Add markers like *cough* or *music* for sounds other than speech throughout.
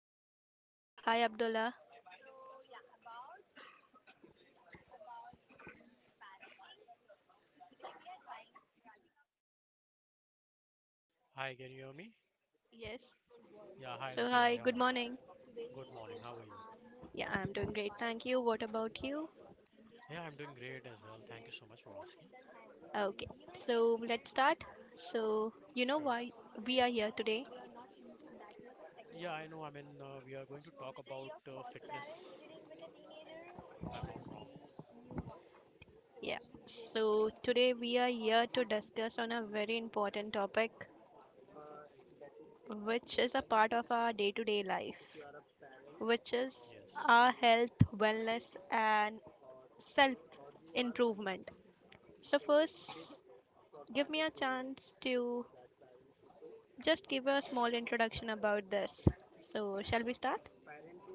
everyone. So, hi, Abdullah. Hi, can you hear me? Yes. Yeah, hi, So, Rukaya. hi, Yeah, good hi. morning. Good morning. How are you? Yeah, I'm doing great. Thank you. What about you? Yeah, I'm doing great as well. Thank you so much for asking. Okay. So, let's start. So, you know Sure. why we are here today? Yeah, I know. We are going to talk about fitness, if I'm not wrong. Yeah. So, today we are here to discuss on a very important topic which is a part of our day-to-day life, which is Yes. our health, wellness and self improvement. So, first, give me a chance to just give a small introduction about this. So, shall we start?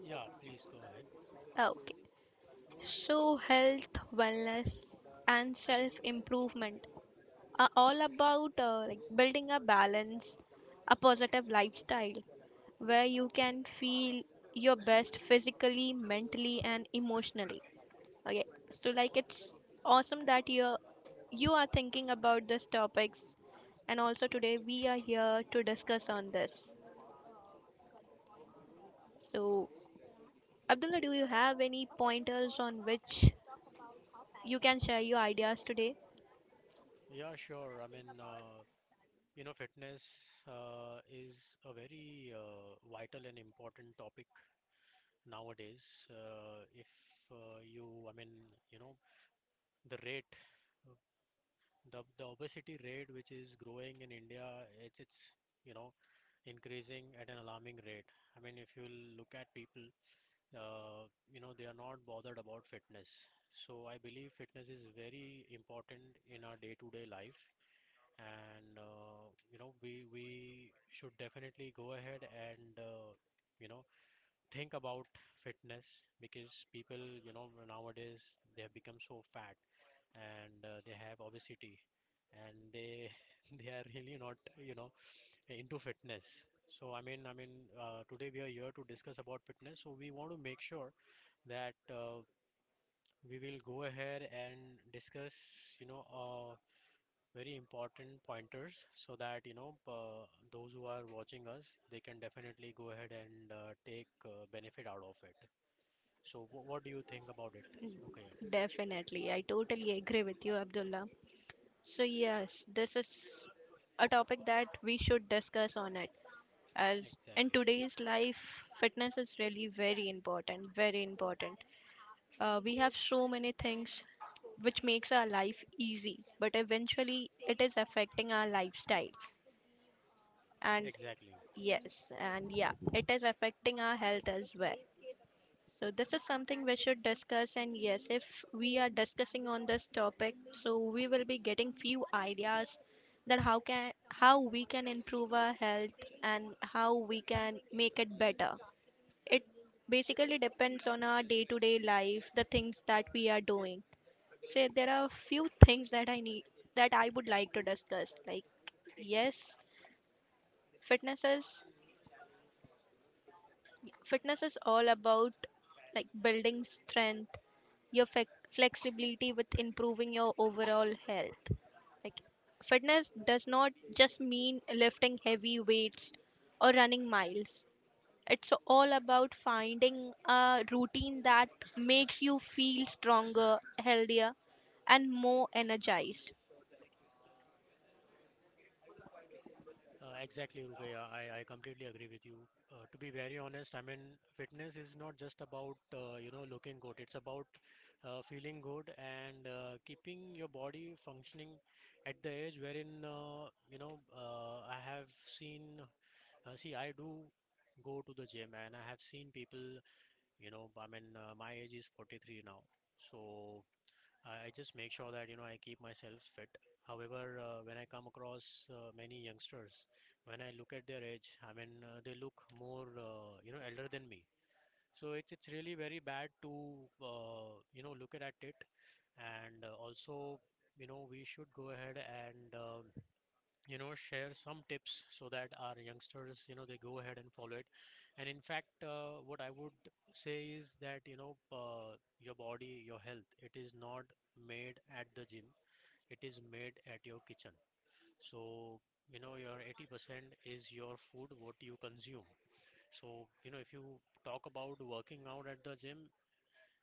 Yeah, please go ahead. Okay. So, health, wellness, and self improvement are all about like building a balance, a positive lifestyle where you can feel your best physically, mentally, and emotionally. Okay. So, like, it's awesome that you are thinking about these topics, and also today we are here to discuss on this. So, Abdullah, do you have any pointers on which you can share your ideas today? Yeah, sure. Fitness is a very vital and important topic nowadays. If you, I mean, you know, the rate, uh, the obesity rate which is growing in India, it's you know increasing at an alarming rate. I mean, if you look at people, they are not bothered about fitness. So I believe fitness is very important in our day-to-day life, and we should definitely go ahead and you know think about fitness, because people, nowadays they have become so fat and they have obesity, and they *laughs* they are really not into fitness. So today we are here to discuss about fitness. So we want to make sure that we will go ahead and discuss, you know, uh, very important pointers so that, those who are watching us, they can definitely go ahead and take benefit out of it. So, what do you think about it, Rukaya? Definitely. I totally agree with you, Abdullah. So, yes, this is a topic that we should discuss on it. As in Exactly, today's life, fitness is really very important, very important. We have so many things which makes our life easy, but eventually it is affecting our lifestyle. And exactly, yes, and yeah, it is affecting our health as well. So this is something we should discuss, and yes, if we are discussing on this topic, so we will be getting few ideas that how we can improve our health and how we can make it better. It basically depends on our day-to-day life, the things that we are doing. So there are few things that I would like to discuss. Like, yes, fitness is fitness is all about like building strength, your flexibility, with improving your overall health. Like, fitness does not just mean lifting heavy weights or running miles. It's all about finding a routine that makes you feel stronger, healthier, and more energized. exactly, Rukaya. I completely agree with you. To be very honest, fitness is not just about looking good. It's about feeling good and keeping your body functioning at the age wherein I have seen. See, I do go to the gym, and I have seen people. My age is 43 now, so. I just make sure that you know I keep myself fit. However, when I come across many youngsters, when I look at their age, they look more elder than me. So it's really very bad to look at it, and also you know we should go ahead and share some tips so that our youngsters, they go ahead and follow it. And in fact, what I would say is that your body, your health, it is not made at the gym, it is made at your kitchen. So your 80% is your food what you consume. So you know, if you talk about working out at the gym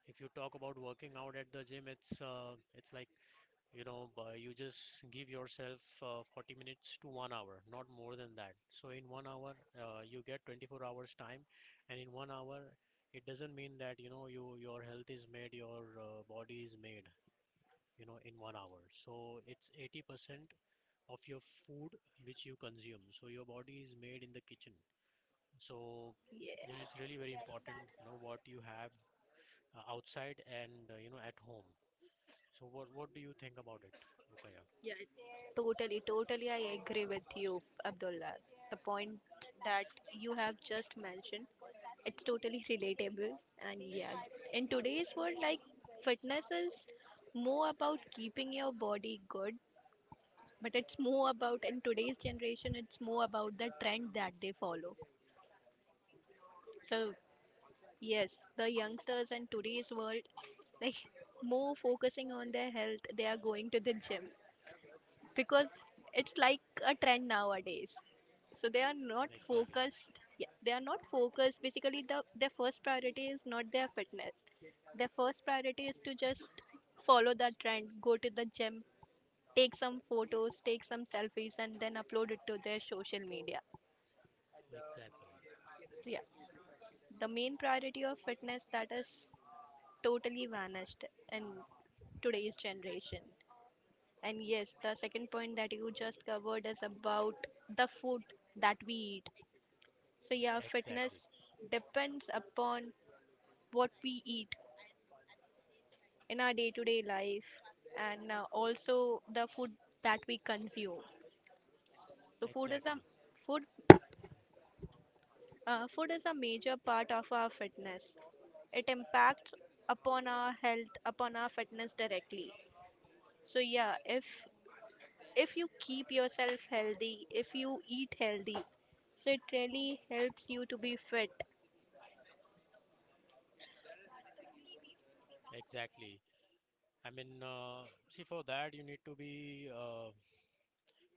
if you talk about working out at the gym, it's like you just give yourself 40 minutes to 1 hour, not more than that. So in 1 hour, you get 24 hours time, and in 1 hour it doesn't mean that your health is made, your body is made, in 1 hour. So it's 80% of your food which you consume, so your body is made in the kitchen. So and Yes. it's really very important you know what you have outside and at home. So what do you think about it, Rukaya? Yeah, totally, totally. I agree with you, Abdullah. The point that you have just mentioned, it's totally relatable. And yeah, in today's world, like, fitness is more about keeping your body good, but it's more about, in today's generation, it's more about the trend that they follow. So yes, the youngsters in today's world, like, more focusing on their health, they are going to the gym because it's like a trend nowadays. So they are not Exactly. focused, yeah, they are not focused basically their first priority is not their fitness. Their first priority is to just follow that trend, go to the gym, take some photos, take some selfies, and then upload it to their social media. Exactly, So yeah, the main priority of fitness, that is totally vanished in today's generation. And yes, the second point that you just covered is about the food that we eat. So, yeah, fitness exactly, depends upon what we eat in our day to day life, and also the food that we consume. So, exactly, food food is a major part of our fitness. It impacts upon our health, upon our fitness directly. So yeah, if you keep yourself healthy, if you eat healthy, so it really helps you to be fit. exactly. See, for that you need to be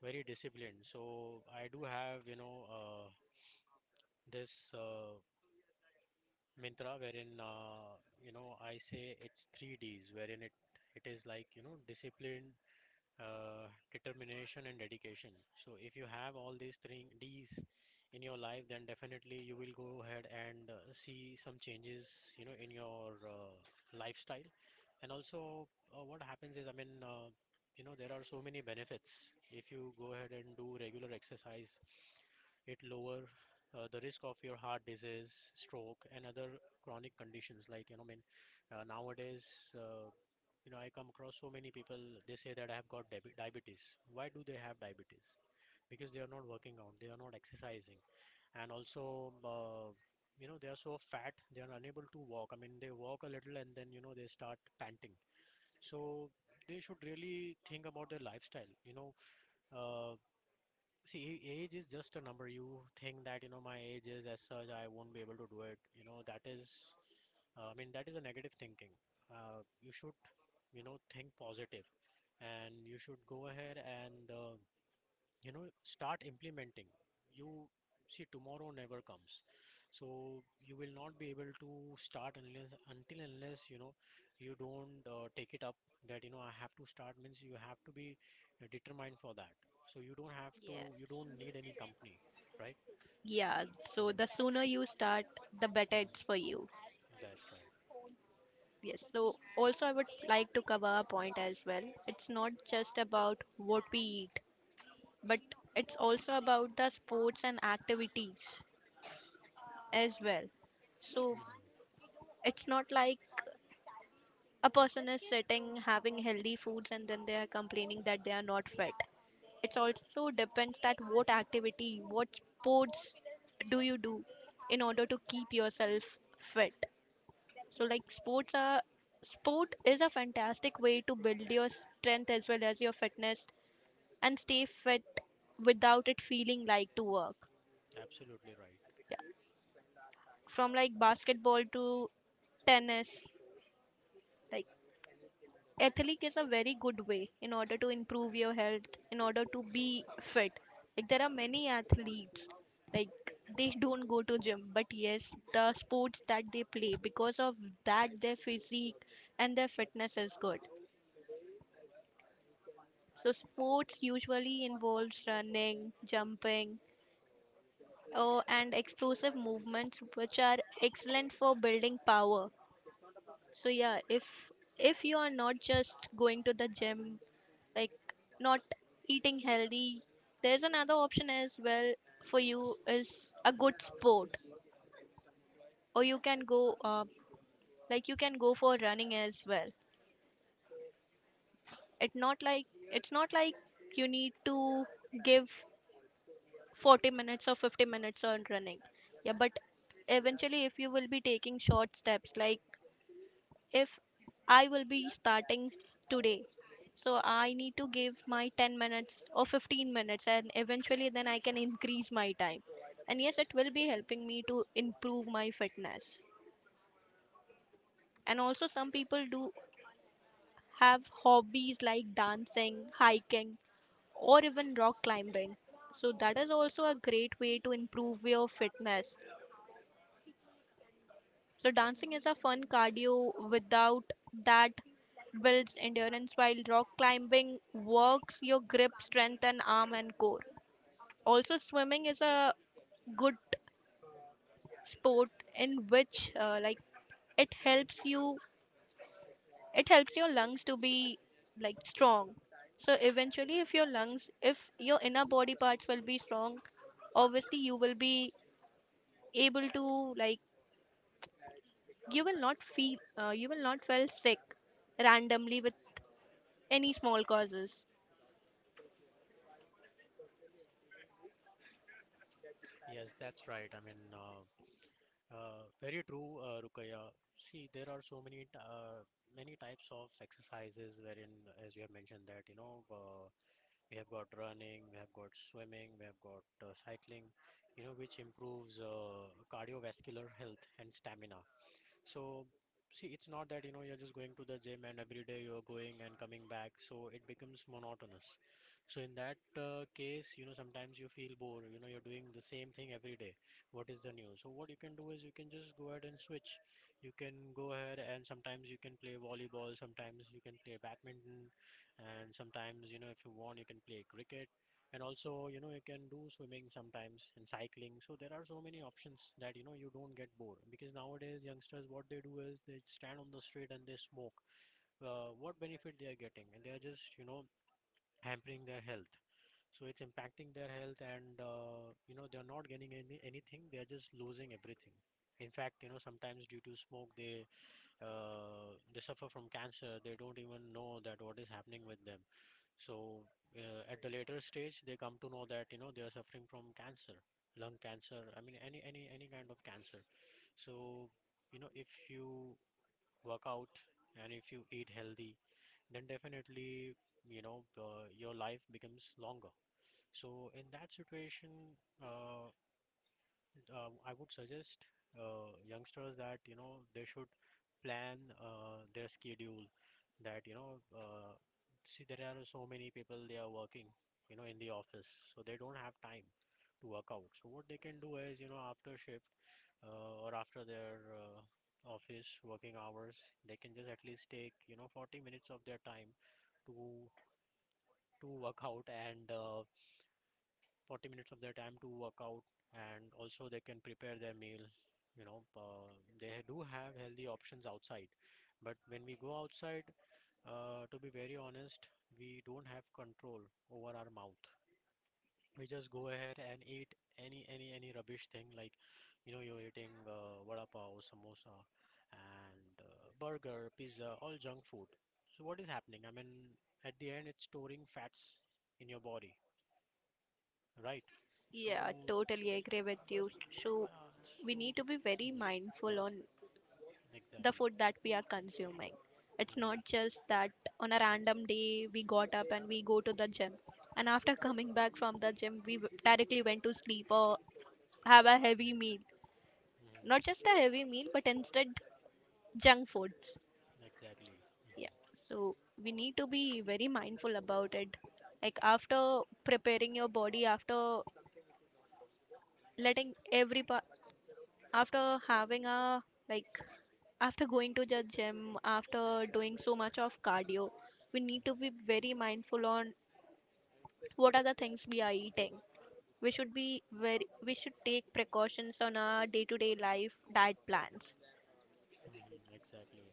very disciplined. So I do have, this Mintra wherein, I say it's three Ds, wherein it it is like, discipline, determination and dedication. So if you have all these three D's in your life, then definitely you will go ahead and see some changes, in your lifestyle. And also, what happens is, I mean, you know, there are so many benefits. If you go ahead and do regular exercise, it lower the risk of your heart disease, stroke, and other chronic conditions. Nowadays. Uh, I come across so many people, they say that I have got diabetes. Why do they have diabetes? Because they are not working out, they are not exercising, and also, they are so fat, they are unable to walk. I mean, they walk a little and then, they start panting. So they should really think about their lifestyle. Uh, See, age is just a number. You think that, my age is as such, I won't be able to do it. That is a negative thinking. You should, think positive and you should go ahead and, start implementing. You see, tomorrow never comes. So you will not be able to start unless you don't take it up that, I have to start, means you have to be determined for that. So you don't Yes. need any company, right? Yeah, So, so the sooner you start, the better mhm, it's for you. that's right. Yes, so also I would like to cover a point as well. It's not just about what we eat, but it's also about the sports and activities as well. So Hmm. it's not like a person is sitting having healthy foods and then they are complaining that they are not fit. It also depends that what activity, what sports do you do in order to keep yourself fit. So like, sport is a fantastic way to build your strength as well as your fitness and stay fit without it feeling like to work. Absolutely right. Yeah. From like basketball to tennis, like, athletic is a very good way in order to improve your health, in order to be fit. Like, there are many athletes, like, they don't go to gym, but yes, the sports that they play, because of that their physique and their fitness is good. So sports usually involves running, jumping, oh, and explosive movements, which are excellent for building power. So yeah, if you are not just going to the gym, like, not eating healthy, there's another option as well for you, is a good sport, or you can go like you can go for running as well. It not like it's not like you need to give 40 minutes or 50 minutes on running, yeah, but eventually if you will be taking short steps, like, if I will be starting today. So I need to give my 10 minutes or 15 minutes, and eventually, then I can increase my time. And yes, it will be helping me to improve my fitness. And also, some people do have hobbies like dancing, hiking, or even rock climbing. So, that is also a great way to improve your fitness. So dancing is a fun cardio without that builds endurance, while rock climbing works your grip strength and arm and core. Also swimming is a good sport in which, like, it helps you it helps your lungs to be like strong. So eventually, if your inner body parts will be strong, obviously you will be able to you will not feel you will not feel sick randomly with any small causes. Yes, that's right. Very true, Rukaya. See, there are so many many types of exercises wherein, as you have mentioned, that we have got running, we have got swimming, we have got cycling, which improves cardiovascular health and stamina. So, see, it's not that, you're just going to the gym and every day you're going and coming back. So it becomes monotonous. So in that case, sometimes you feel bored, you're doing the same thing every day. What is the new? So what you can do is you can just go ahead and switch. You can go ahead and sometimes you can play volleyball, sometimes you can play badminton, and sometimes, if you want, you can play cricket, and also you know you can do swimming sometimes and cycling. So there are so many options that you know you don't get bored, because nowadays youngsters what they do is they stand on the street and they smoke. What benefit they are getting? And they are just hampering their health, so it's impacting their health, and they're not gaining anything, they're just losing everything. In fact, you know, sometimes due to smoke they suffer from cancer, they don't even know that what is happening with them. So at the later stage they come to know that you know they are suffering from cancer, lung cancer, I mean any kind of cancer. So you know if you work out and if you eat healthy, then definitely you know your life becomes longer. So in that situation, uh, I would suggest youngsters that you know they should plan their schedule. That you know, see, there are so many people they are working, in the office, so they don't have time to work out. So what they can do is, after shift or after their office working hours, they can just at least take you know 40 minutes of their time to to work out, and 40 minutes of their time to work out and also they can prepare their meal. you know uh, they do have healthy options outside, but when we go outside, to be very honest, we don't have control over our mouth. We just go ahead and eat any rubbish thing. Like you know you're eating vada pav, samosa, and burger, pizza, all junk food. So what is happening? I mean, at the end it's storing fats in your body, right? Yeah, So totally agree with you. So yeah, we so need to *laughs* be very mindful on the Exactly. food that we are consuming. It's not Mhm. just that on a random day we got up and we go to the gym, and after coming back from the gym we directly went to sleep or have a Mhm. heavy meal. Mhm. Not just a heavy meal, but instead junk foods. Exactly. Mhm. Yeah. So we need to be very mindful about it. Like, after preparing your body, after letting every part, after having a like, after going to the gym, after doing so much of cardio, we need to be Mhm. very mindful on what are the things we are eating. We should be very we should take precautions on our day to day life diet plans. Mhm. Exactly.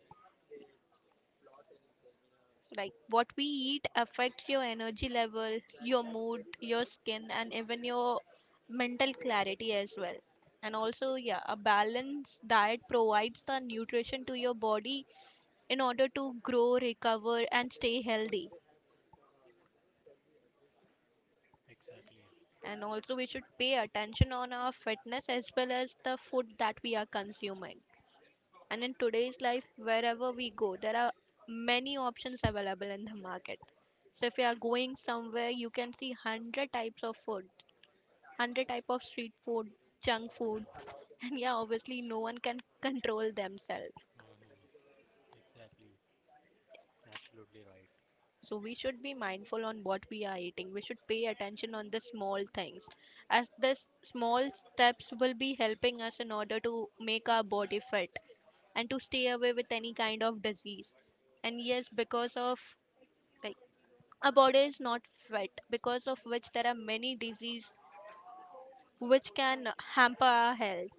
Like, what we eat affects your energy level, your mood, your skin, and even your mental clarity as well. And also, yeah, a balanced diet provides the nutrition to your body in order to grow, recover and stay healthy. Exactly. And also, we should pay attention on our fitness as well as the food that we are consuming. And in today's life, wherever we go, there are many options available in the market. So if you are going somewhere, you can see 100 types of food, 100 type of street food, junk Mhm. food. *laughs* And yeah, obviously no one can control themselves. Mhm. Exactly. Absolutely right. So we should be mindful on what we are eating. We should pay attention on the small things, as this small steps will be helping us in order to make our body fit and to stay away with any kind of disease. And yes, because of, like, our body is not fit, because of which there are many diseases which can hamper our health.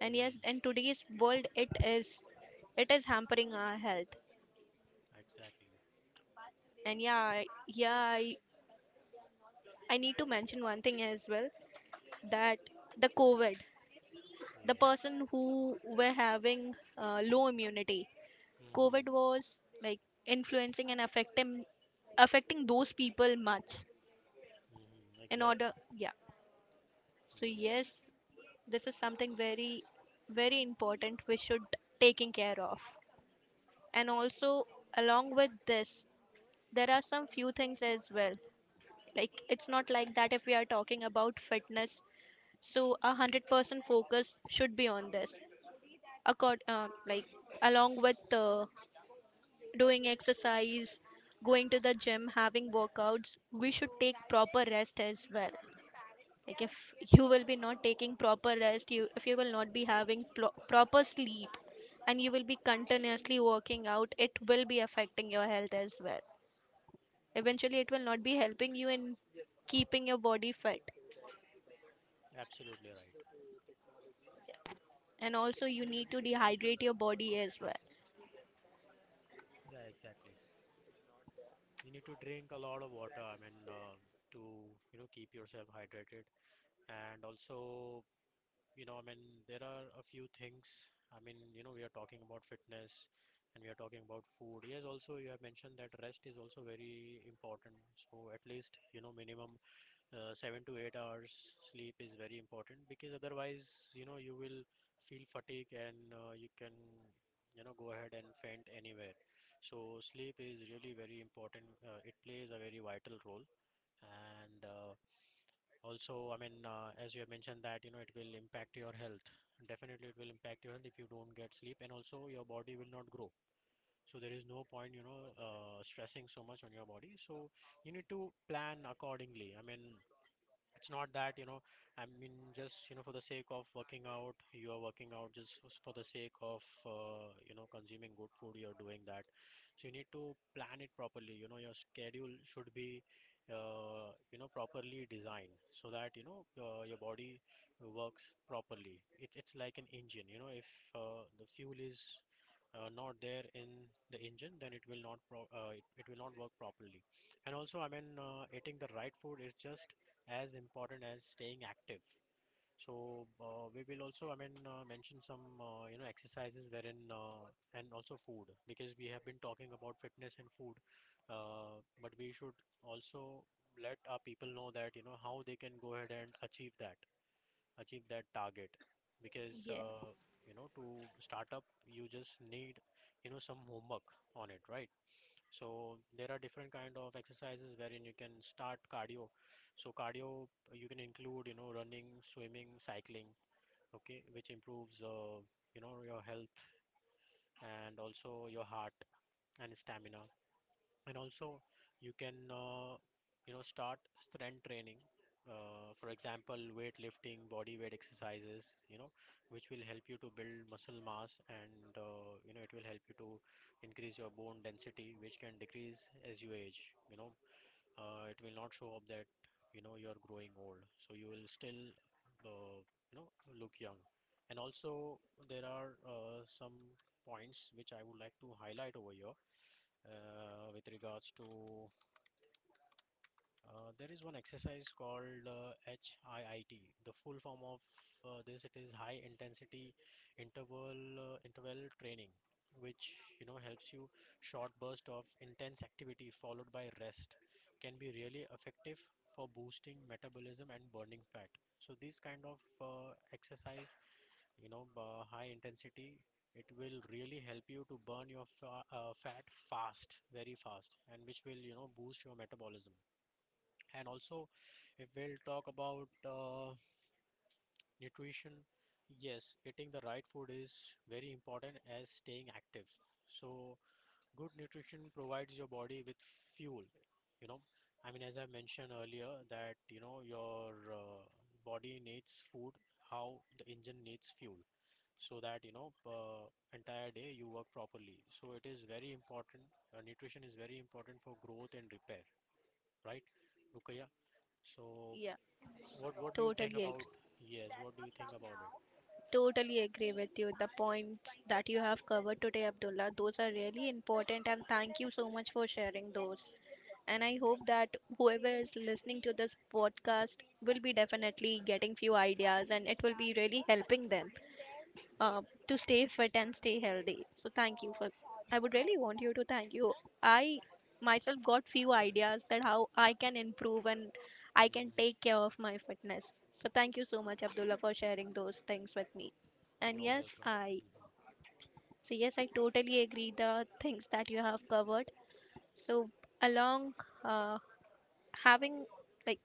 And yes, in Mhm. today's world, it is hampering our health. Exactly. And yeah, I need to mention one thing as well, that the COVID, the Yes. person who were having low immunity, Mhm. COVID was like influencing and affecting those people much. Mhm. Exactly. Yeah. So Mhm. yes, this is something very very important we should taking care of. And also, along with this, there are some few things as well. Like, it's not like that if we are talking about fitness. So 100% focus should be on this like, along with doing exercise, going to the gym, having workouts, we should take proper rest as well. Like if you will be not taking proper rest, you if you will not be having plo proper sleep, and you will be continuously working out, it will be affecting your health as well. Eventually, Mhm. it will not be helping you in keeping your body fit, Absolutely right. and also you need to dehydrate your body as well. Yeah, exactly. You need to drink a lot of water, to, keep yourself hydrated. And also, you know, I mean, there are a few things. We are talking about fitness and we are talking about food. Yes, also, you have mentioned that rest is also very important. So, at least, minimum 7 to 8 hours sleep is very important, because otherwise, you will feel fatigue and you can, go ahead and faint anywhere. So, sleep is really very important. It plays a very vital role. And also, as you have mentioned that, it will impact your health. Definitely, it will impact your health if you don't get sleep, and also your body will not grow. So there is no point, stressing so much on your body. So you need to plan accordingly. I mean, it's not that, for the sake of working out, you are working out just for the sake of, consuming good food, you're doing that. So you need to plan it properly. You know, your schedule should be, properly designed so that, your body works properly. It's like an engine, you know, if the fuel is not there in the engine, then it will not it will not work properly. And also, I mean, eating the right food is just as important as staying active. So we will also, I mean, mention some you know exercises wherein and also food, because we have been talking about fitness and food, but we should also let our people know that you know how they can go ahead and achieve that target. Because Yeah, you know, to start up you just need you know some homework on it, right? So there are different kind of exercises wherein you can start cardio. So cardio you can include, you know, running, swimming, cycling, okay, which improves you know your health and also your heart and stamina. And also you can you know start strength training, for example weightlifting, body weight exercises, you know, which will help you to build muscle mass, and you know it will help you to increase your bone density, which can decrease as you age, you know. It will not show up that you know you're growing old, so you will still uh, you know look young. And also there are some points which I would like to highlight over here with regards to there is one exercise called HIIT. The full form of this, it is high intensity interval training, which you know helps you. Short burst of intense activity followed by rest can be really effective for boosting metabolism and burning fat. So these kind of exercise, you know, high intensity, it will really help you to burn your fa fat fast, very fast, and which will, you know, boost your metabolism. And also, if we'll talk about nutrition, yes, eating the right food is very important as staying active. So good nutrition provides your body with fuel, you know. I mean, as I mentioned earlier, that, you know, your body needs food, how the engine needs fuel, so that you know entire day you work properly. So it is very important. Nutrition is very important for growth and repair, right, Rukaya? So yeah, what do you think totally agree. about, yes, what do you think about it? Totally agree with you. The points that you have covered today, Abdullah, those are really important, and thank you so much for sharing those. And I Hmm. hope that whoever is listening to this podcast will be definitely getting few ideas and it will be really helping them uh, to stay fit and stay healthy. So thank you for. I would really want you to thank you. I myself got few ideas that how I can improve and I can take Hmm. care of my fitness. So thank you so much, Abdullah, for sharing those things with me. And You're yes, welcome. I Hmm. so yes, I totally agree the things that you have covered. So along uh, having, like,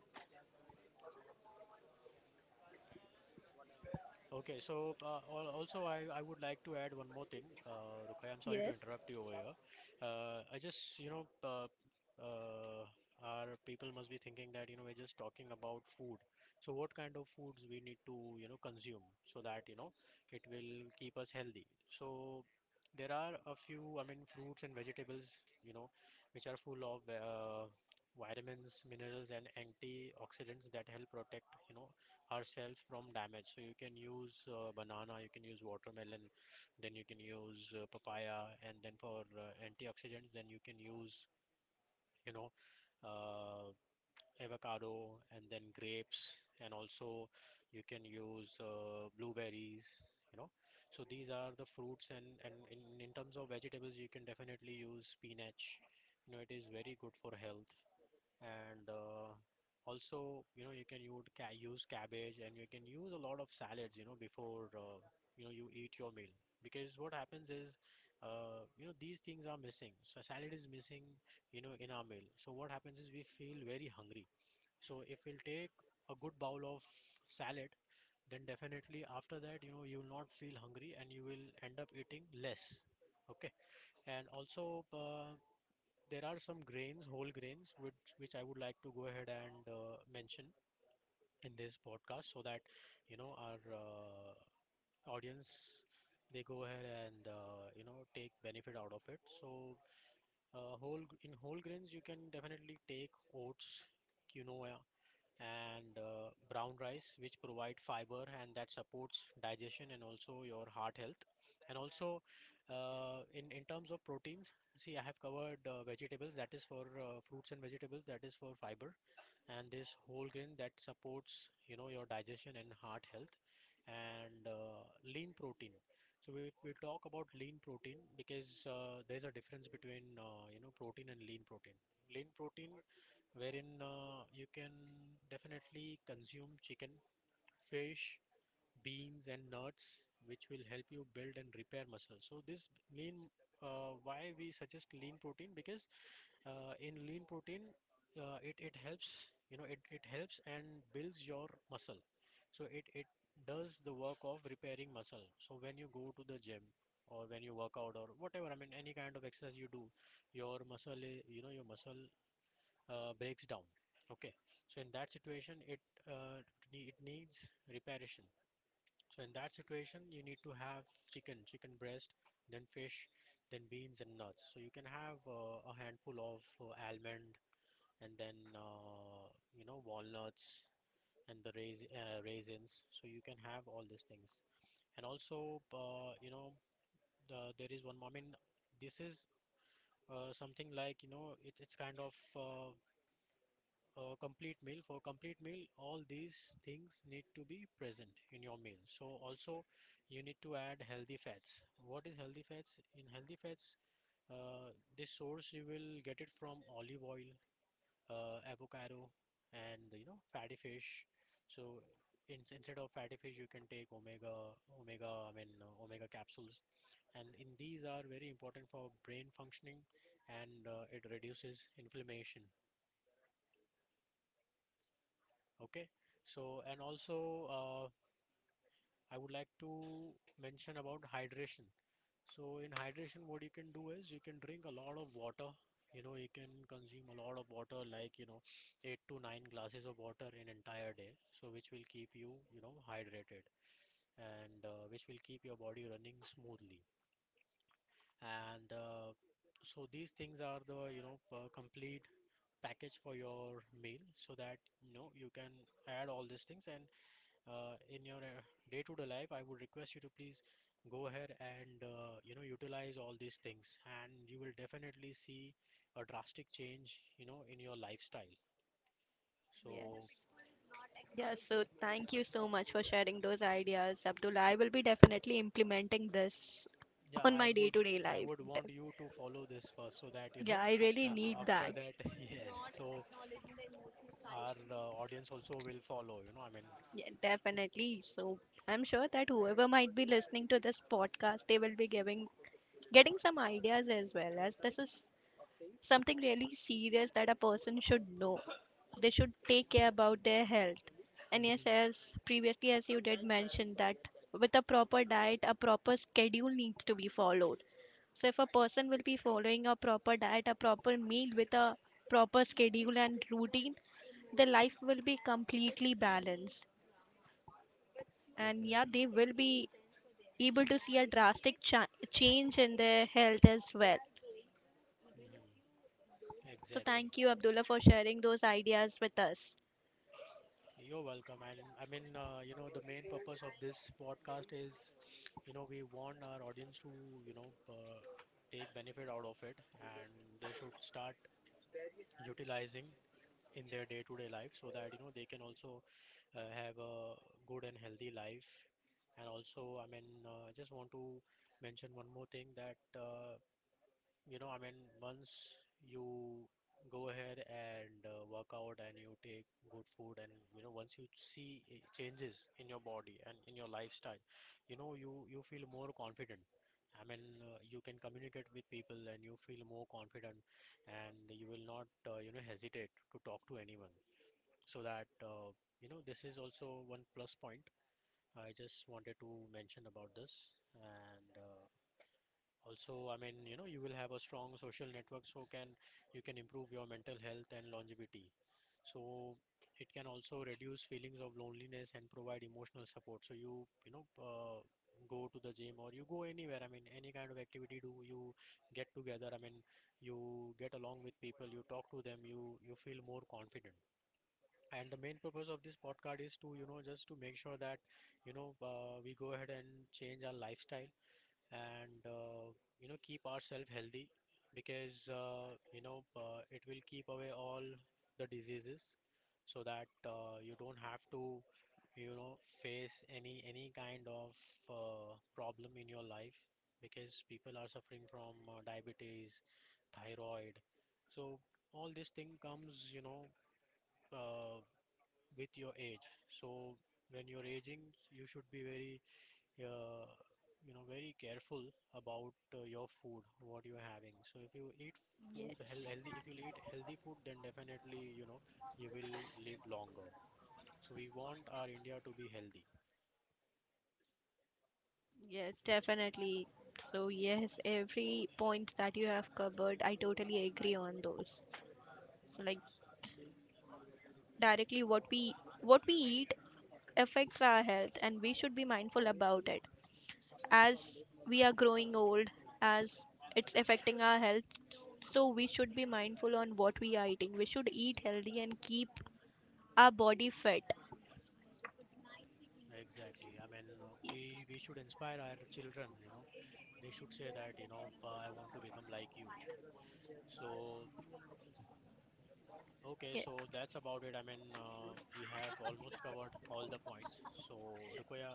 Okay, so also I would like to add one more thing, Rukai. I'm sorry to yes. interrupt you over here. I just, you know, uh, our people must be thinking that, you know, we're just talking about food. So what kind of foods we need to, you know, consume so that, you know, it will keep us healthy. So there are a few, I mean, fruits and vegetables, you know, which are full of vitamins, minerals, and antioxidants that help protect, you know, ourselves from damage. So you can use banana, you can use watermelon, then you can use papaya, and then for antioxidants, then you can use, you know, uh, avocado and then grapes, and also you can use blueberries. You know, so these are the fruits, and in terms of vegetables, you can definitely use spinach. You know, it is very good for health. And also you know you can use cabbage, and you can use a lot of salads, you know, before you know you eat your meal. Because what happens is you know these things are missing, so salad is missing, you know, in our meal. So what happens is we feel very hungry. So if we'll take a good bowl of salad, then definitely after that, you know, you will not feel hungry and you will end up eating less. Okay. And also there are some grains, whole grains, which I would like to go ahead and mention in this podcast, so that you know our audience they go ahead and you know take benefit out of it. So in whole grains, you can definitely take oats, quinoa, and brown rice, which provide fiber and that supports digestion and also your heart health. And also, in terms of proteins, see, I have covered vegetables. That is for fruits and vegetables. That is for fiber, and this whole grain that supports you know your digestion and heart health. And lean protein. So if we talk about lean protein, because there's a difference between you know protein and lean protein. Lean protein wherein you can definitely consume chicken, fish, beans, and nuts, which will help you build and repair muscle. So this lean, why we suggest lean protein? Because in lean protein, it helps, you know, it helps and builds your muscle. So, it does the work of repairing muscle. So when you go to the gym, or when you work out, or whatever, I mean, any kind of exercise you do, your you know your muscle breaks down. Okay. So in that situation it needs reparation. So in that situation you need to have chicken breast, then fish, then beans and nuts. So you can have a handful of almond, and then you know walnuts, and raisins. So you can have all these things. And also you know there is one more, I mean, this is something like you know it's kind of a complete meal. For complete meal all these things need to be present in your meal. So also you need to add healthy fats. What is healthy fats? In healthy fats, uh, this source you will get it from olive oil, avocado, and you know fatty fish. So in, instead of fatty fish you can take omega I mean omega capsules, and in these are very important for brain functioning, and it reduces inflammation. Okay. So, and also, I would like to mention about hydration. So in hydration, what you can do is you can drink a lot of water. You know, you can consume a lot of water, like, you know, eight to nine glasses of water in entire day. So which will keep you, you know, hydrated, and which will keep your body running smoothly. And so these things are the, you know, complete package for your meal, so that, you know, you can add all these things, and in your day-to-day life, I would request you to please go ahead and you know utilize all these things, and you will definitely see a drastic change, you know, in your lifestyle. Yes. So Yeah, so thank you so much for sharing those ideas, Abdullah. I will be definitely implementing this yeah, *laughs* on my day-to-day I life. would want Def- you to follow this first, so that you Yeah, know I *laughs* really need after that. that, *laughs* yes, so our audience also will follow. You know, I mean, Yeah, definitely. So I'm sure that whoever might be listening to this podcast, they will be giving getting some ideas as well, as this is something really serious that a person should know. They should take care about their health. And yes, hmm, as previously as you did mention that with a proper diet, a proper schedule needs to be followed. So if a person will be following a proper diet, a proper meal with a proper schedule and routine, their life will be completely balanced. And yeah, exactly, they will be able to see a drastic change in their health as well. hmm, So exactly. thank you, Abdullah, for sharing those ideas with us. You're welcome. And I mean, you know, the main purpose of this podcast is, you know, we want our audience to, you know, uh, take benefit out of it, and they should start utilizing in their day-to-day life, so that, you know, they can also have a good and healthy life. And also, I mean, I just want to mention one more thing that you know I mean once you go ahead and work out and you take good food, and you know once you see changes in your body and in your lifestyle, you know you feel more confident. I mean you can communicate with people and you feel more confident, and you will not you know hesitate to talk to anyone. So that you know this is also one plus point. I just wanted to mention about this. And also, I mean, you know, you will have a strong social network, so can you can improve your mental health and longevity. So it can also reduce feelings of loneliness and provide emotional support. So you know, go to the gym or you go anywhere. I mean, any kind of activity do you get together. I mean, you get along with people, you talk to them, you feel more confident. And the main purpose of this podcast is to, you know, just to make sure that, we go ahead and change our lifestyle, and you know keep ourselves healthy. Because it will keep away all the diseases, so that you don't have to you know face any kind of problem in your life. Because people are suffering from diabetes, thyroid. So all this thing comes, you know, uh, with your age. So when you're aging you should be very uh, you know very careful about your food what you're having. So if you eat Yes, healthy, if you eat healthy food, then definitely, you know, you will live longer. So we want our india to be healthy. yes, definitely. So, yes, every point that you have covered, I totally agree on those. So, like, directly what we eat affects our health and we should be mindful about it. As we are growing old, as it's affecting our health, so we should be mindful on what we are eating. We should eat healthy and keep our body fit. Exactly. I mean, Yes, we should inspire our children, you know. They should say that, you know, "Pa, I want to become like you." So, okay, yes. so that's about it. I mean, we have almost covered all the points. So, Rukoya,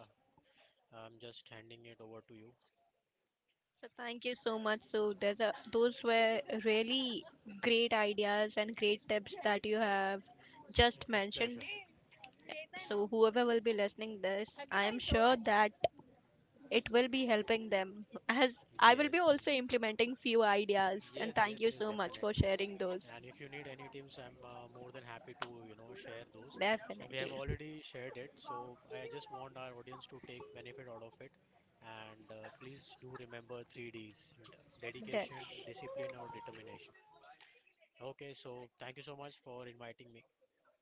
I'm just handing it over to you. So thank you so much. So Uh, those were really great ideas and great tips that you have it just was mentioned. pleasure. So whoever will be listening this, I am sure that it will be helping them, as I will be Yes, also yes, implementing few ideas, and yes, thank yes, you yes, so much for definitely. sharing those. And if you need any tips, I'm more than happy to, you know, share those. And we have Definitely. already shared it, so I just want our audience to take benefit out of it. And please do remember three Ds: Def- dedication, discipline, or determination. Okay, so thank you so much for inviting me.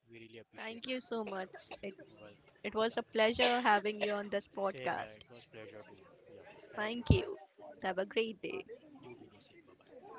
We really appreciate. Thank you so much. It, You're welcome. it Yeah, was a pleasure having you on this same. Yeah, podcast. it was pleasure too. Yeah, thank you. Thank Bye. you. Bye Have a bye. great day. You do the same. Bye bye.